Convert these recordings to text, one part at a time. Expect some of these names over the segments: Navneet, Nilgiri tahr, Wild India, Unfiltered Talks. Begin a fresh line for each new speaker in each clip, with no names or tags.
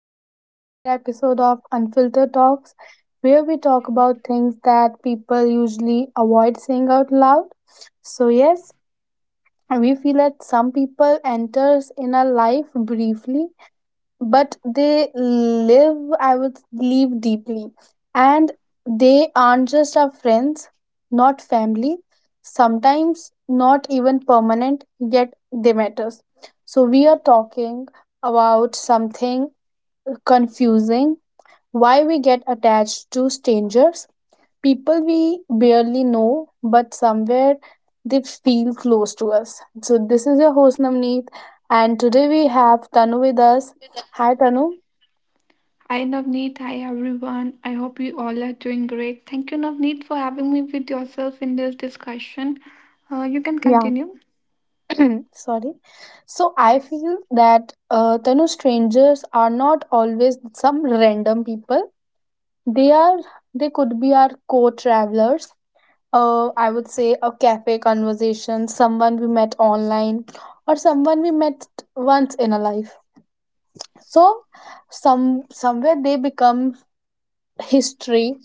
back to another episode of Unfiltered Talks, where we talk about things that people usually avoid saying out loud. So, yes, we feel that some people enters in our life briefly but they live I would live deeply, and they aren't just our friends, not family, sometimes not even permanent, yet they matters. So we are talking about something confusing: why we get attached to strangers, people we barely know but somewhere they feel close to us. So this is your host, Namneet, and today we have Tanu with us. Hi, Tanu.
Hi Navneet, hi everyone. I hope you all are doing great. Thank you, Navneet, for having me with yourself in this discussion. You can
Yeah,
continue.
sorry. So I feel that, Tanu, strangers are not always some random people. They are they could be our co-travelers. I would say a cafe conversation, someone we met online, or someone we met once in a life. So somewhere they become history.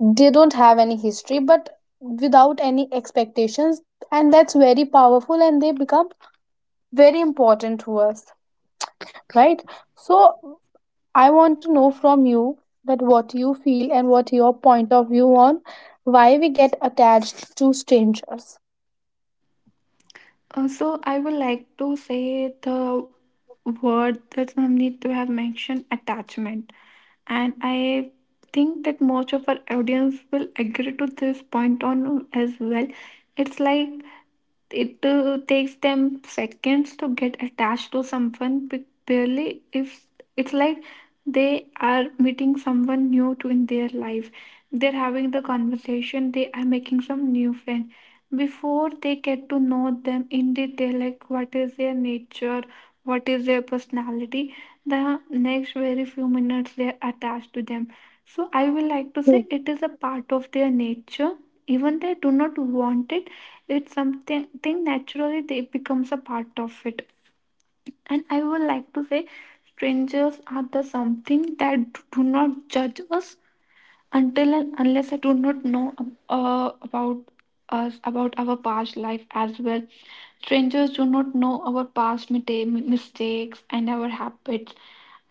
They don't have any history, but without any expectations, and that's very powerful. And they become very important to us, right? So I want to know from you that what you feel and what your point of view on why we get attached to strangers.
I would like to say the word that Navneet to have mentioned attachment, and I think that most of our audience will agree to this point on as well. It's like it takes them seconds to get attached to someone but barely if it's like they are meeting someone new to in their life, they're having the conversation, they are making some new friend before they get to know them in detail, like what is their nature, what is their personality. The next very few minutes they're attached to them. So I will like to say
True.
it is a part of their nature, even they do not want it. It's something thing naturally they becomes a part of it. And I would like to say strangers are the something that do not judge us until and unless I do not know about us, about our past life as well. Strangers do not know our past mistakes and our habits.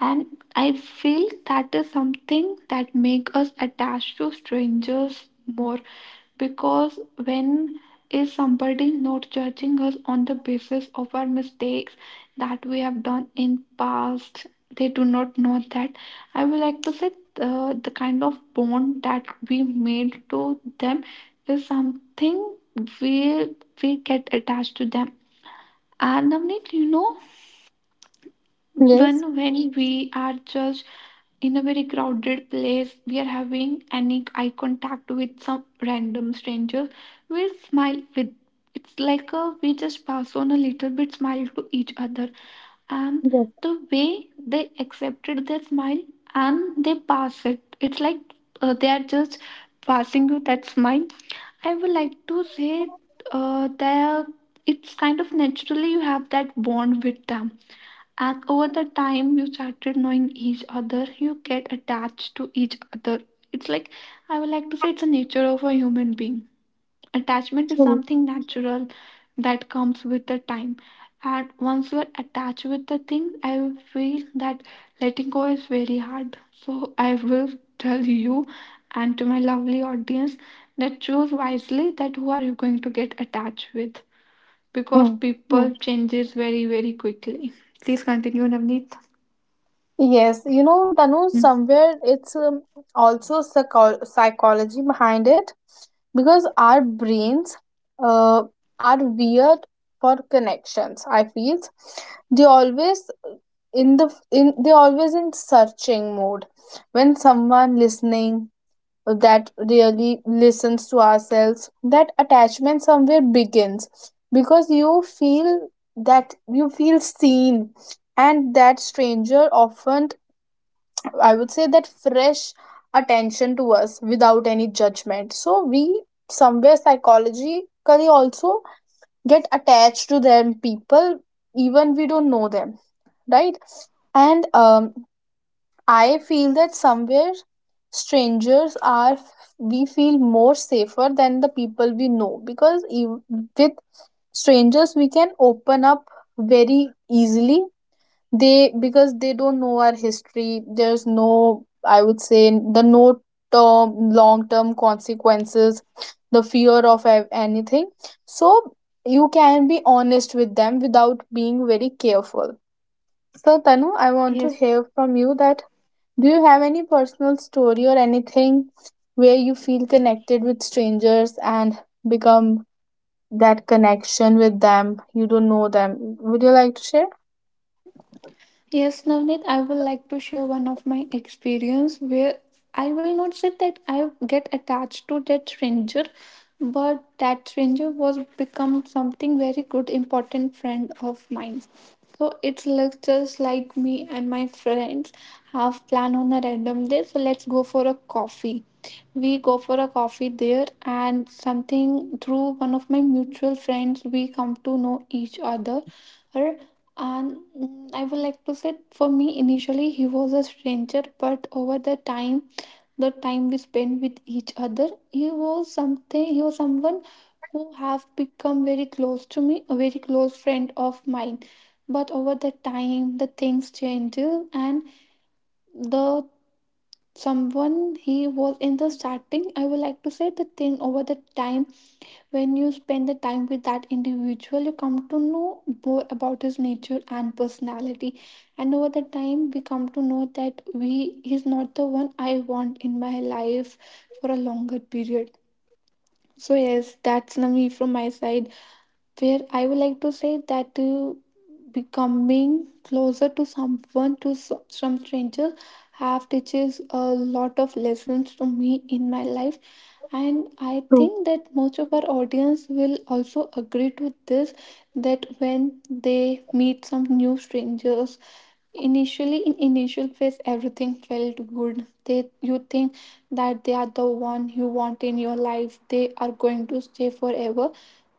And I feel that is something that make us attached to strangers more because when is somebody not judging us on the basis of our mistakes that we have done in past, they do not know that. I would like to say the kind of bond that we made to them is something we get attached to them. And Navneet, you know,
Yes.
one when we are just in a very crowded place, we are having any eye contact with some random strangers. We smile with, it's like a, we just pass on a little bit smile to each other, and
Yes,
the way they accepted their smile and they pass it, it's like they are just passing you that smile. I would like to say that it's kind of naturally you have that bond with them, and over the time you started knowing each other, you get attached to each other. It's like, I would like to say, it's a nature of a human being. Attachment is
true.
something natural that comes with the time. And once you are attached with the thing, I feel that letting go is very hard. So I will tell you and to my lovely audience that choose wisely that who are you going to get attached with, because
Mm,
people
true.
changes very quickly. Please continue, Navneet.
Yes, you know, Tanu,
Mm.
somewhere it's also psychology behind it, because our brains uh, are weird for connections. I feel they always they always in searching mode. When someone listening that really listens to ourselves, that attachment somewhere begins, because you feel that you feel seen, and that stranger often, I would say, that fresh attention to us without any judgment. So we somewhere psychologically also get attached to them people, even we don't know them, right? And I feel that somewhere strangers are we feel more safer than the people we know, because with strangers we can open up very easily. They Because they don't know our history, there's no, I would say, the no term long term consequences, the fear of anything. So you can be honest with them without being very careful. So, Tanu, I want to
Yes.
hear from you that do you have any personal story or anything where you feel connected with strangers and become that connection with them you don't know them. Would you like to share?
Yes, Navneet, I would like to share one of my experience where I will not say that I get attached to that stranger, but that stranger was become something very good, important friend of mine. So it's like just like me and my friends have plan on a random day. So let's go for a coffee. We go for a coffee there, and something through one of my mutual friends, we come to know each other and I would like to say, for me, initially he was a stranger, but over the time we spent with each other, he was something. He was someone who have become very close to me, a very close friend of mine. But over the time, the things changes, and the someone he was in the starting, I would like to say the thing over the time when you spend the time with that individual, you come to know more about his nature and personality. And over the time, we come to know that we he's not the one I want in my life for a longer period. So yes, that's Nami from my side. Where I would like to say that becoming closer to someone some strangers have teaches a lot of lessons to me in my life. And I
True.
think that most of our audience will also agree to this, that when they meet some new strangers, initially in initial phase everything felt good, they you think that they are the one you want in your life, they are going to stay forever.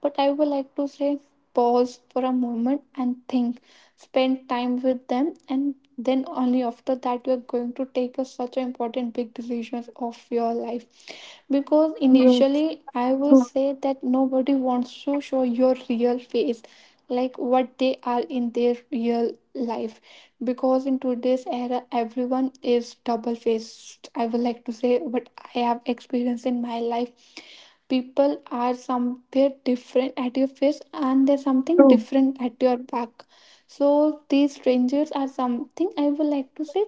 But I would like to say, pause for a moment and think, spend time with them, and then only after that you are going to take a, such an important big decisions of your life, because
Yes.
initially I will
True.
say that nobody wants to show your real face, like what they are in their real life, because in today's era everyone is double faced. I would like to say what I have experienced in my life, people are some different at your face and there's something
True.
different at your back. So these strangers are something, I would like to say,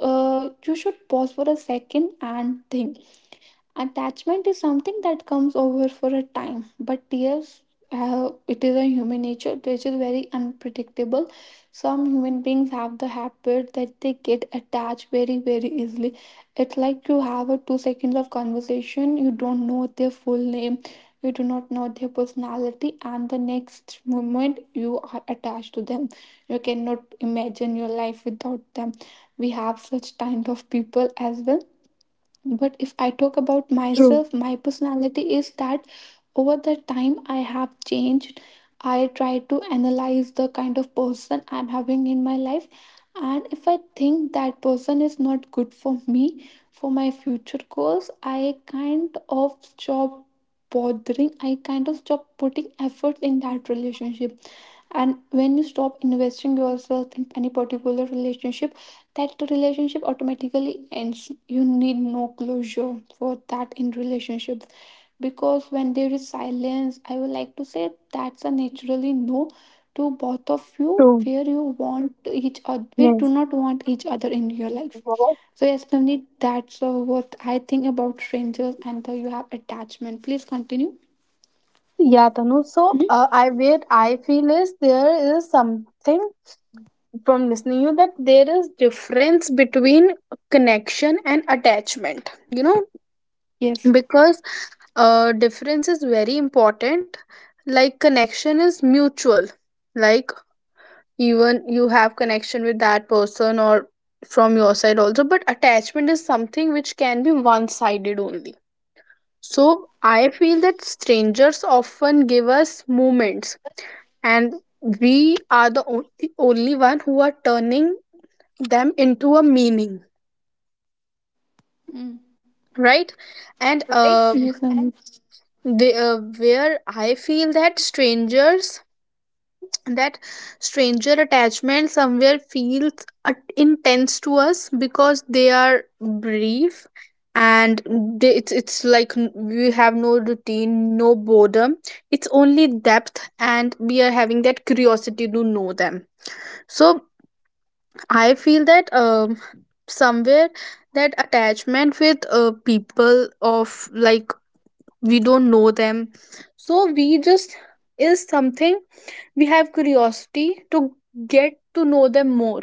you should pause for a second and think. Attachment is something that comes over for a time, but yes, it is a human nature which is very unpredictable. Some human beings have the habit that they get attached very, very easily. It's like you have a 2 seconds of conversation, you don't know their full name, you do not know their personality, and the next moment you are attached to them. You cannot imagine your life without them. We have such kind of people as well. But if I talk about
True,
myself, my personality is that over the time I have changed. I try to analyze the kind of person I'm having in my life, and if I think that person is not good for me, for my future goals, I kind of stop bothering, I kind of stop putting effort in that relationship. And when you stop investing yourself in any particular relationship, that relationship automatically ends. You need no closure for that in relationships, because when there is silence, I would like to say that's a naturally no to both of you,
true.
where you want each other, we do
Yes.
not want each other in your life. So yes, Navneet, that's what I think about strangers and the you have attachment. Please continue.
Yeah, Tanu. So,
Mhm.
I where I feel is there is something from listening you that there is difference between connection and attachment. You know,
Yes.
because difference is very important. Like connection is mutual. Like even you have connection with that person or from your side also, but attachment is something which can be one sided only. So I feel that strangers often give us moments, and we are the only, only one who are turning them into a meaning. Sorry, right? And
Right, yes, Navneet.
where I feel that strangers that stranger attachment somewhere feels intense to us because they are brief, and it's like we have no routine, no boredom, it's only depth and we are having that curiosity to know them. So I feel that somewhere that attachment with people of like we don't know them, so we just is something we have curiosity to get to know them more,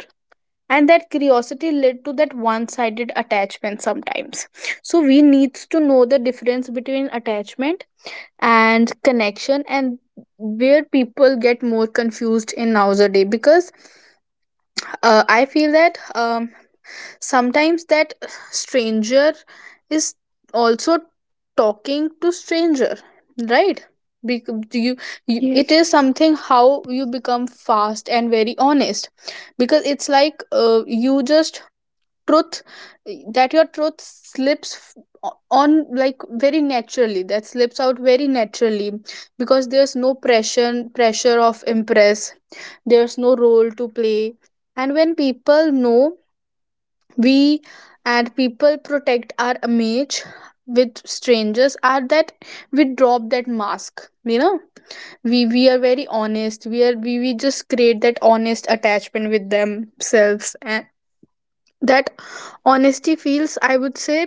and that curiosity led to that one-sided attachment sometimes. So we needs to know the difference between attachment and connection, and where people get more confused in nowadays, because I feel that sometimes that stranger is also talking to stranger, right? Bec- you, you it
Yes.
is something how you become fast and very honest. Because it's like you just truth, that your truth slips on like very naturally, that slips out very naturally, because there's no pressure of impress, there's no role to play. And when people know we and people protect our image, with strangers are that we drop that mask, you know. We are very honest, we just create that honest attachment with themselves, and that honesty feels, I would say,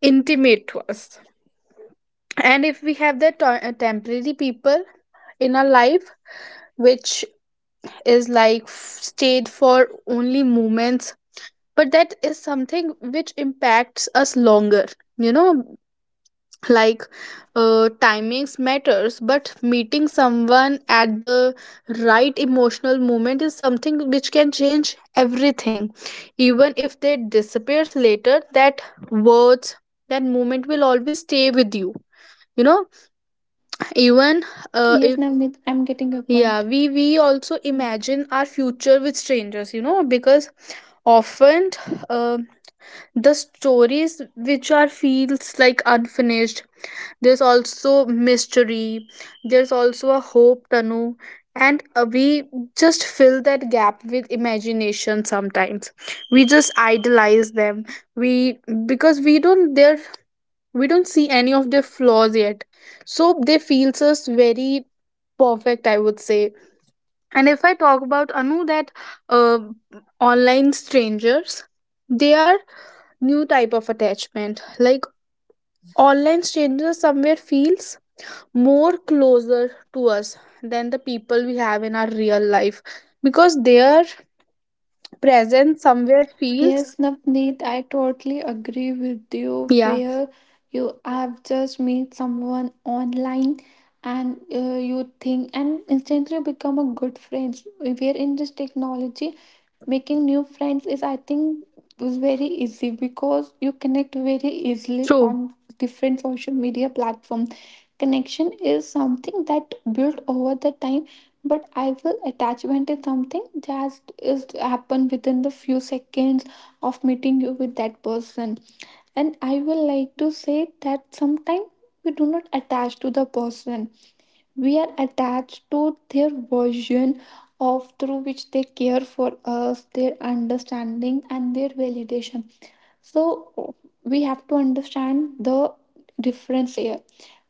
intimate to us. And if we have that temporary people in our life, which is like stayed for only moments, but that is something which impacts us longer, you know, like timings matters, but meeting someone at the right emotional moment is something which can change everything, even if they disappears later, that words, that moment will always stay with you, you know, even if...
Yes, Navneet, I'm getting your
Yeah,
point.
we also imagine our future with strangers, you know, because often uh, the stories which are feels like unfinished. There's also mystery. There's also a hope, Tanu. And we just fill that gap with imagination sometimes. We just idolize them. We because we don't their we don't see any of their flaws yet. So they feels us very perfect, I would say. And if I talk about Anu, that uh, online strangers, they are new type of attachment. Like online strangers somewhere feels more closer to us than the people we have in our real life, because their presence somewhere feels...
Yes, Navneet, I totally agree with you.
Yeah.
Where you have just meet someone online, and you think and instantly become a good friends. Where in this technology, making new friends is, I think, was very easy, because you connect very easily
True.
on different social media platform. Connection is something that built over the time, but I feel attachment is something that is happen within the few seconds of meeting you with that person. And I will like to say that sometimes we do not attach to the person, we are attached to their version of through which they care for us, their understanding, and their validation. So we have to understand the difference here.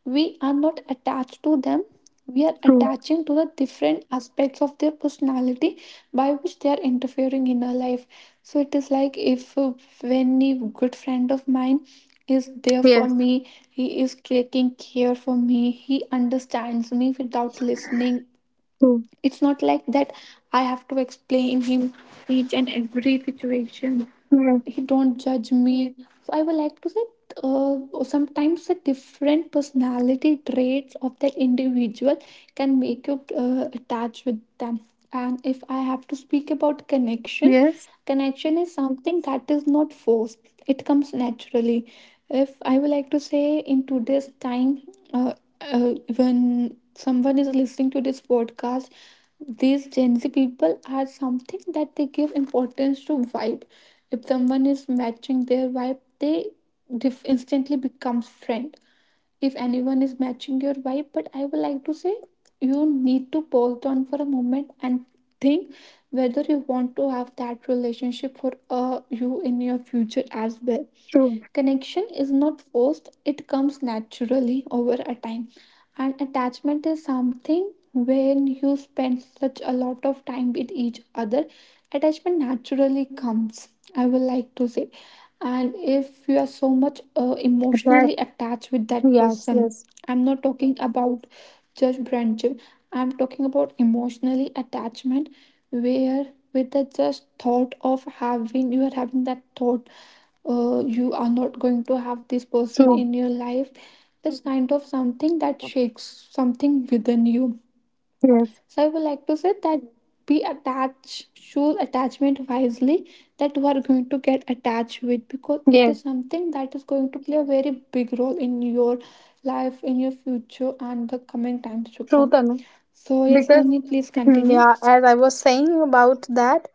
We are not attached to them. We are
True.
attaching to the different aspects of their personality by which they are interfering in our life. So it is like if when a good friend of mine is there for
Yes.
me, he is taking care for me, he understands me without listening.
True.
It's not like that I have to explain him each and every situation,
Yes.
he don't judge me. So I would like to say uh, sometimes the different personality traits of that individual can make you attached with them. And if I have to speak about connection,
Yes.
connection is something that is not forced, it comes naturally. If I would like to say in today's time, uh, when someone is listening to this podcast, these gen z people are something that they give importance to vibe. If someone is matching their vibe, they instantly becomes friend. If anyone is matching your vibe, but I would like to say you need to pause down for a moment and think whether you want to have that relationship for you in your future as well.
True.
Connection is not forced, it comes naturally over a time. And attachment is something when you spend such a lot of time with each other, attachment naturally comes, I would like to say. And if you are so much
That.
emotionally attached with that
Yes.
person,
Yes.
I'm not talking about just friendship, I'm talking about emotionally attachment, where with the just thought of having you are having that thought, you are not going to have this person
True.
in your life. It's kind of something that shakes something within you.
Yes.
So I would like to say that be attached, choose attachment wisely that you are going to get attached with, because it
Yes.
is something that is going to play a very big role in your life, in your future, and the coming times to
True,
come.
Tanu.
So yes,
Because
Navneet, please continue.
yeah, as I was saying about that,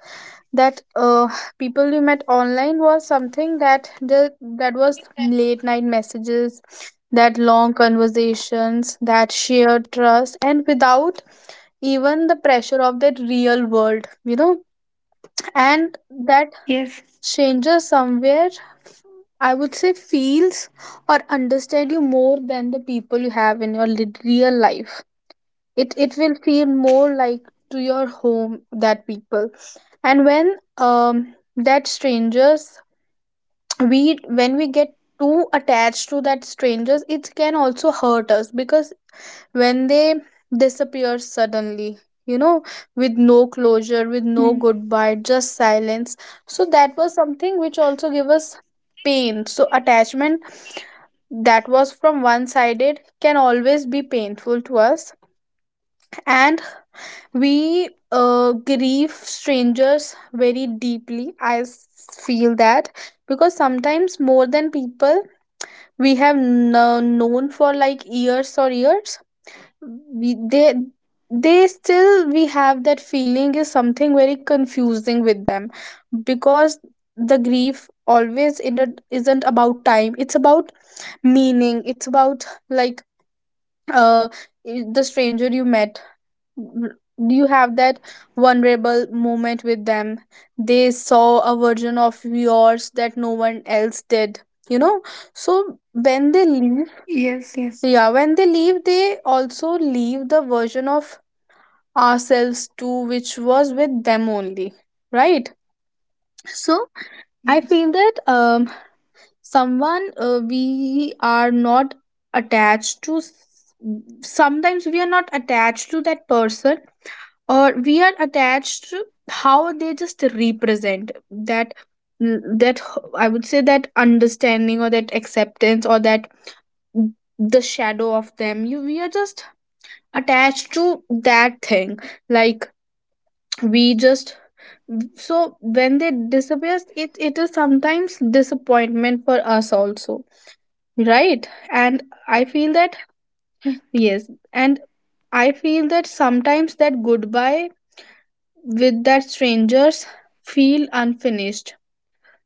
that uh, people you met online was something that that was late night messages, that long conversations, that shared trust, and without even the pressure of that real world, you know. And that
Yes.
stranger somewhere, I would say, feels or understand you more than the people you have in your real life. It will feel more like to your home, that people. And when that strangers we when we get too attached to that strangers, it can also hurt us, because when they disappear suddenly, you know, with no closure, with no
Hmm.
goodbye, just silence. So that was something which also give us pain. So attachment that was from one sided can always be painful to us. And we grieve strangers very deeply, feel that, because sometimes more than people we have known for like years or years, we, they still, we have that feeling is something very confusing with them, because the grief always isn't about time, it's about meaning, it's about like uh the stranger you met, you have that vulnerable moment with them, they saw a version of yours that no one else did, you know. So when they leave,
Yes. Yes,
yeah, when they leave, they also leave the version of ourselves too, which was with them only, right? So I
yes,
feel that someone we are not attached to s- sometimes we are not attached to that person, or we are attached to how they just represent that that, I would say, that understanding or that acceptance or that the shadow of them, you we are just attached to that thing, like we just, so when they disappear it is sometimes disappointment for us also, right? and I feel that
yes.
Yes. And I feel that sometimes that goodbye with that strangers feel unfinished,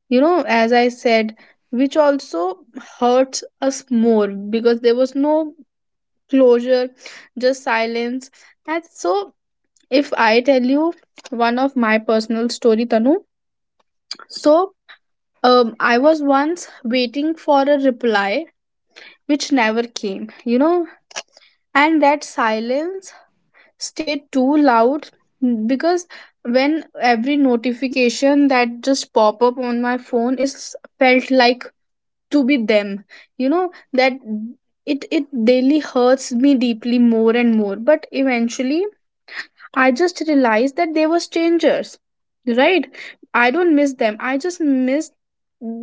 you know, as I said, which also hurts us more because there was no closure, just silence. And so if I tell you one of my personal story, Tanu, so I was once waiting for a reply which never came, you know. And that silence stay too loud, because when every notification that just pop up on my phone is felt like to be them, you know, that it daily hurts me deeply more and more. But eventually I just realized that they were strangers, right? I don't miss them, I just miss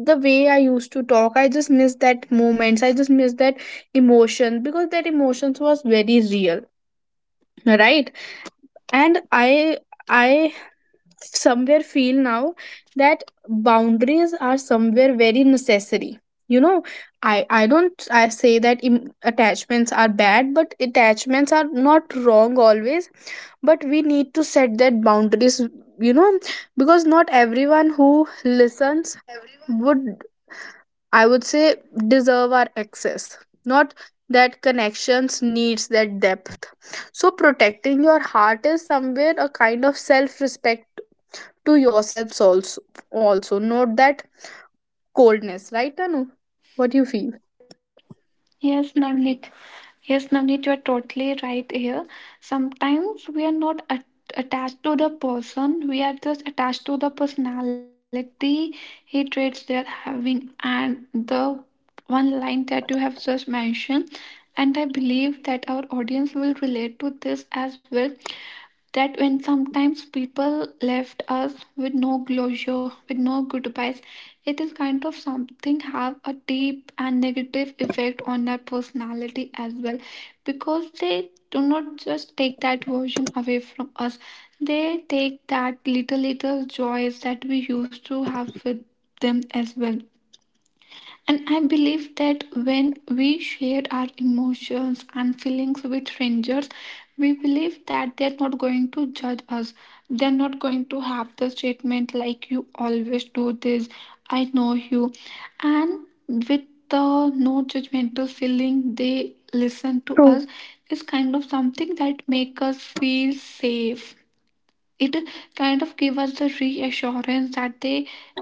the way I used to talk, I just miss that moments, I just miss that emotion, because that emotions was very real, right? And I somewhere feel now that boundaries are somewhere very necessary, you know. I i don't i say that attachments are bad, but attachments are not wrong always. But we need to set that boundaries, you know, because not everyone who listens would, I would say, deserve our access, not that connections needs that depth. So protecting your heart is somewhere a kind of self-respect to yourselves also, not that coldness, right, Anu? What do you feel?
Yes, Navneet. Yes, Navneet, you are totally right here. Sometimes we are not attached to the person, we are just attached to the personality, he traits they are having, and the one line that you have just mentioned. And I believe that our audience will relate to this as well. That when sometimes people left us with no closure, with no goodbyes, it is kind of something have a deep and negative effect on their personality as well, because they do not just take that version away from us, they take that little little joys that we used to have with them as well. And I believe that when we share our emotions and feelings with strangers, we believe that they're not going to judge us. They're not going to have the statement like, you always do this, I know you. And with the no judgmental feeling, they listen to us,
True.
is kind of something that make us feel safe. It kind of give us the reassurance that they we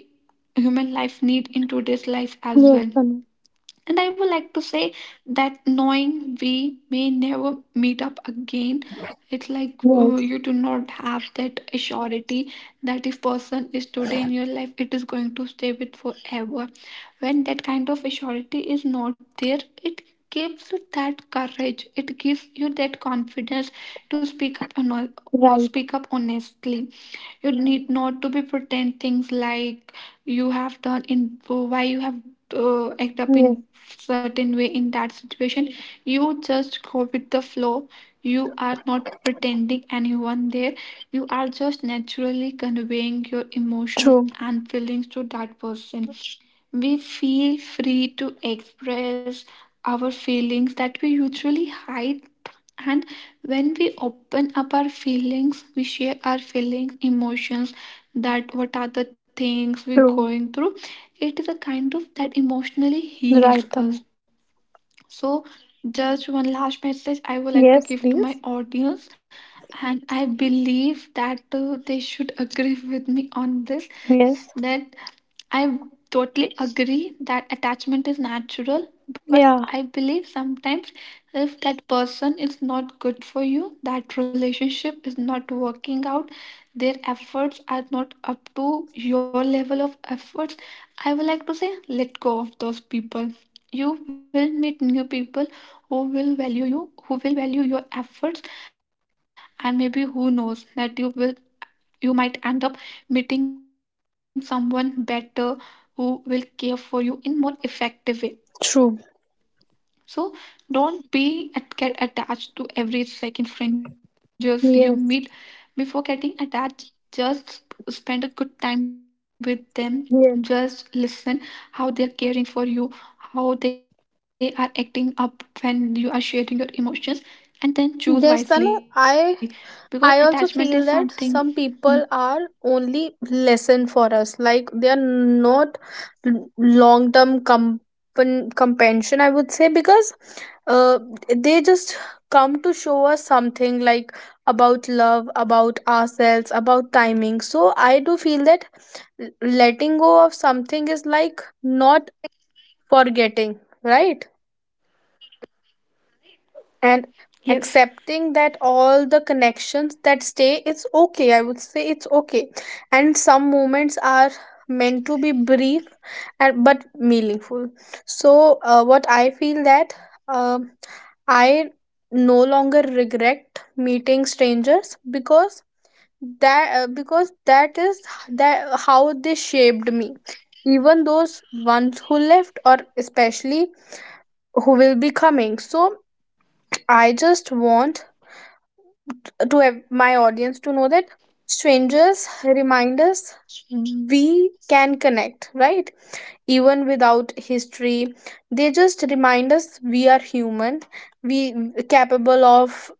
human life need in today's life as well.
Yes, Tanu.
And I would like to say that knowing we may never meet up again, it's like you do
Yes.
not have that surety that if person is today in your life, it is going to stay with forever. When that kind of surety is not there, it gives you that courage. It gives you that confidence to speak up and or speak up
Right.
honestly. You need not to be pretend things like you have done in why you have act up in
Yes.
certain way in that situation. You just go with the flow. You are not pretending anyone there, you are just naturally conveying your emotions and
True.
feelings to that person. We feel free to express our feelings that we usually hide. And when we open up our feelings, we share our feelings, emotions, that what are the things we're going through.
True.
It is a kind of that emotionally heals us.
Right, Tanu.
So, just one last message I would like to give to my
Yes, please.
audience, and I believe that they should agree with me on this that
Yes.
I totally agree that attachment is natural, but I believe
Yeah.
sometimes if that person is not good for you, that relationship is not working out, their efforts are not up to your level of efforts, I would like to say let go of those people. You will meet new people who will value you, who will value your efforts, and maybe who knows that you will, you might end up meeting someone better who will care for you in more effective way.
True.
So don't be get attached to every second strangers you meet.
Yes.
Before getting attached, just spend a good time with them. Just
Yes.
listen how they are caring for you, how they are acting up when you are sharing your emotions, and then choose
Yes,
wisely,
Tanu,
because
I...
attachment is
I also feel
something.
that some
Mm,
people are only lesson for us, like they are not long term companion, I would say, because uh, they just come to show us something like about love, about ourselves, about timing. So I do feel that letting go of something is like not forgetting, right? And
yes.
accepting that all the connections that stay, it's okay, I would say, it's okay. And some moments are meant to be brief and but meaningful. So what I feel that um I no longer regret meeting strangers, because that is that how they shaped me, even those ones who left or especially who will be coming. So I just want to my audience to know that strangers remind us we can connect, right, even without history, they just remind us we are human, we capable of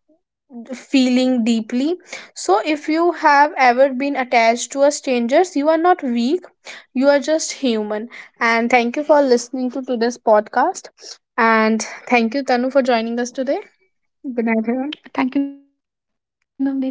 feeling deeply. So if you have ever been attached to a strangers, you are not weak, you are just human. And thank you for listening to today's podcast. And thank you, Tanu, for joining us today. Good night, everyone.
Thank you, Navni. Thank you, everyone.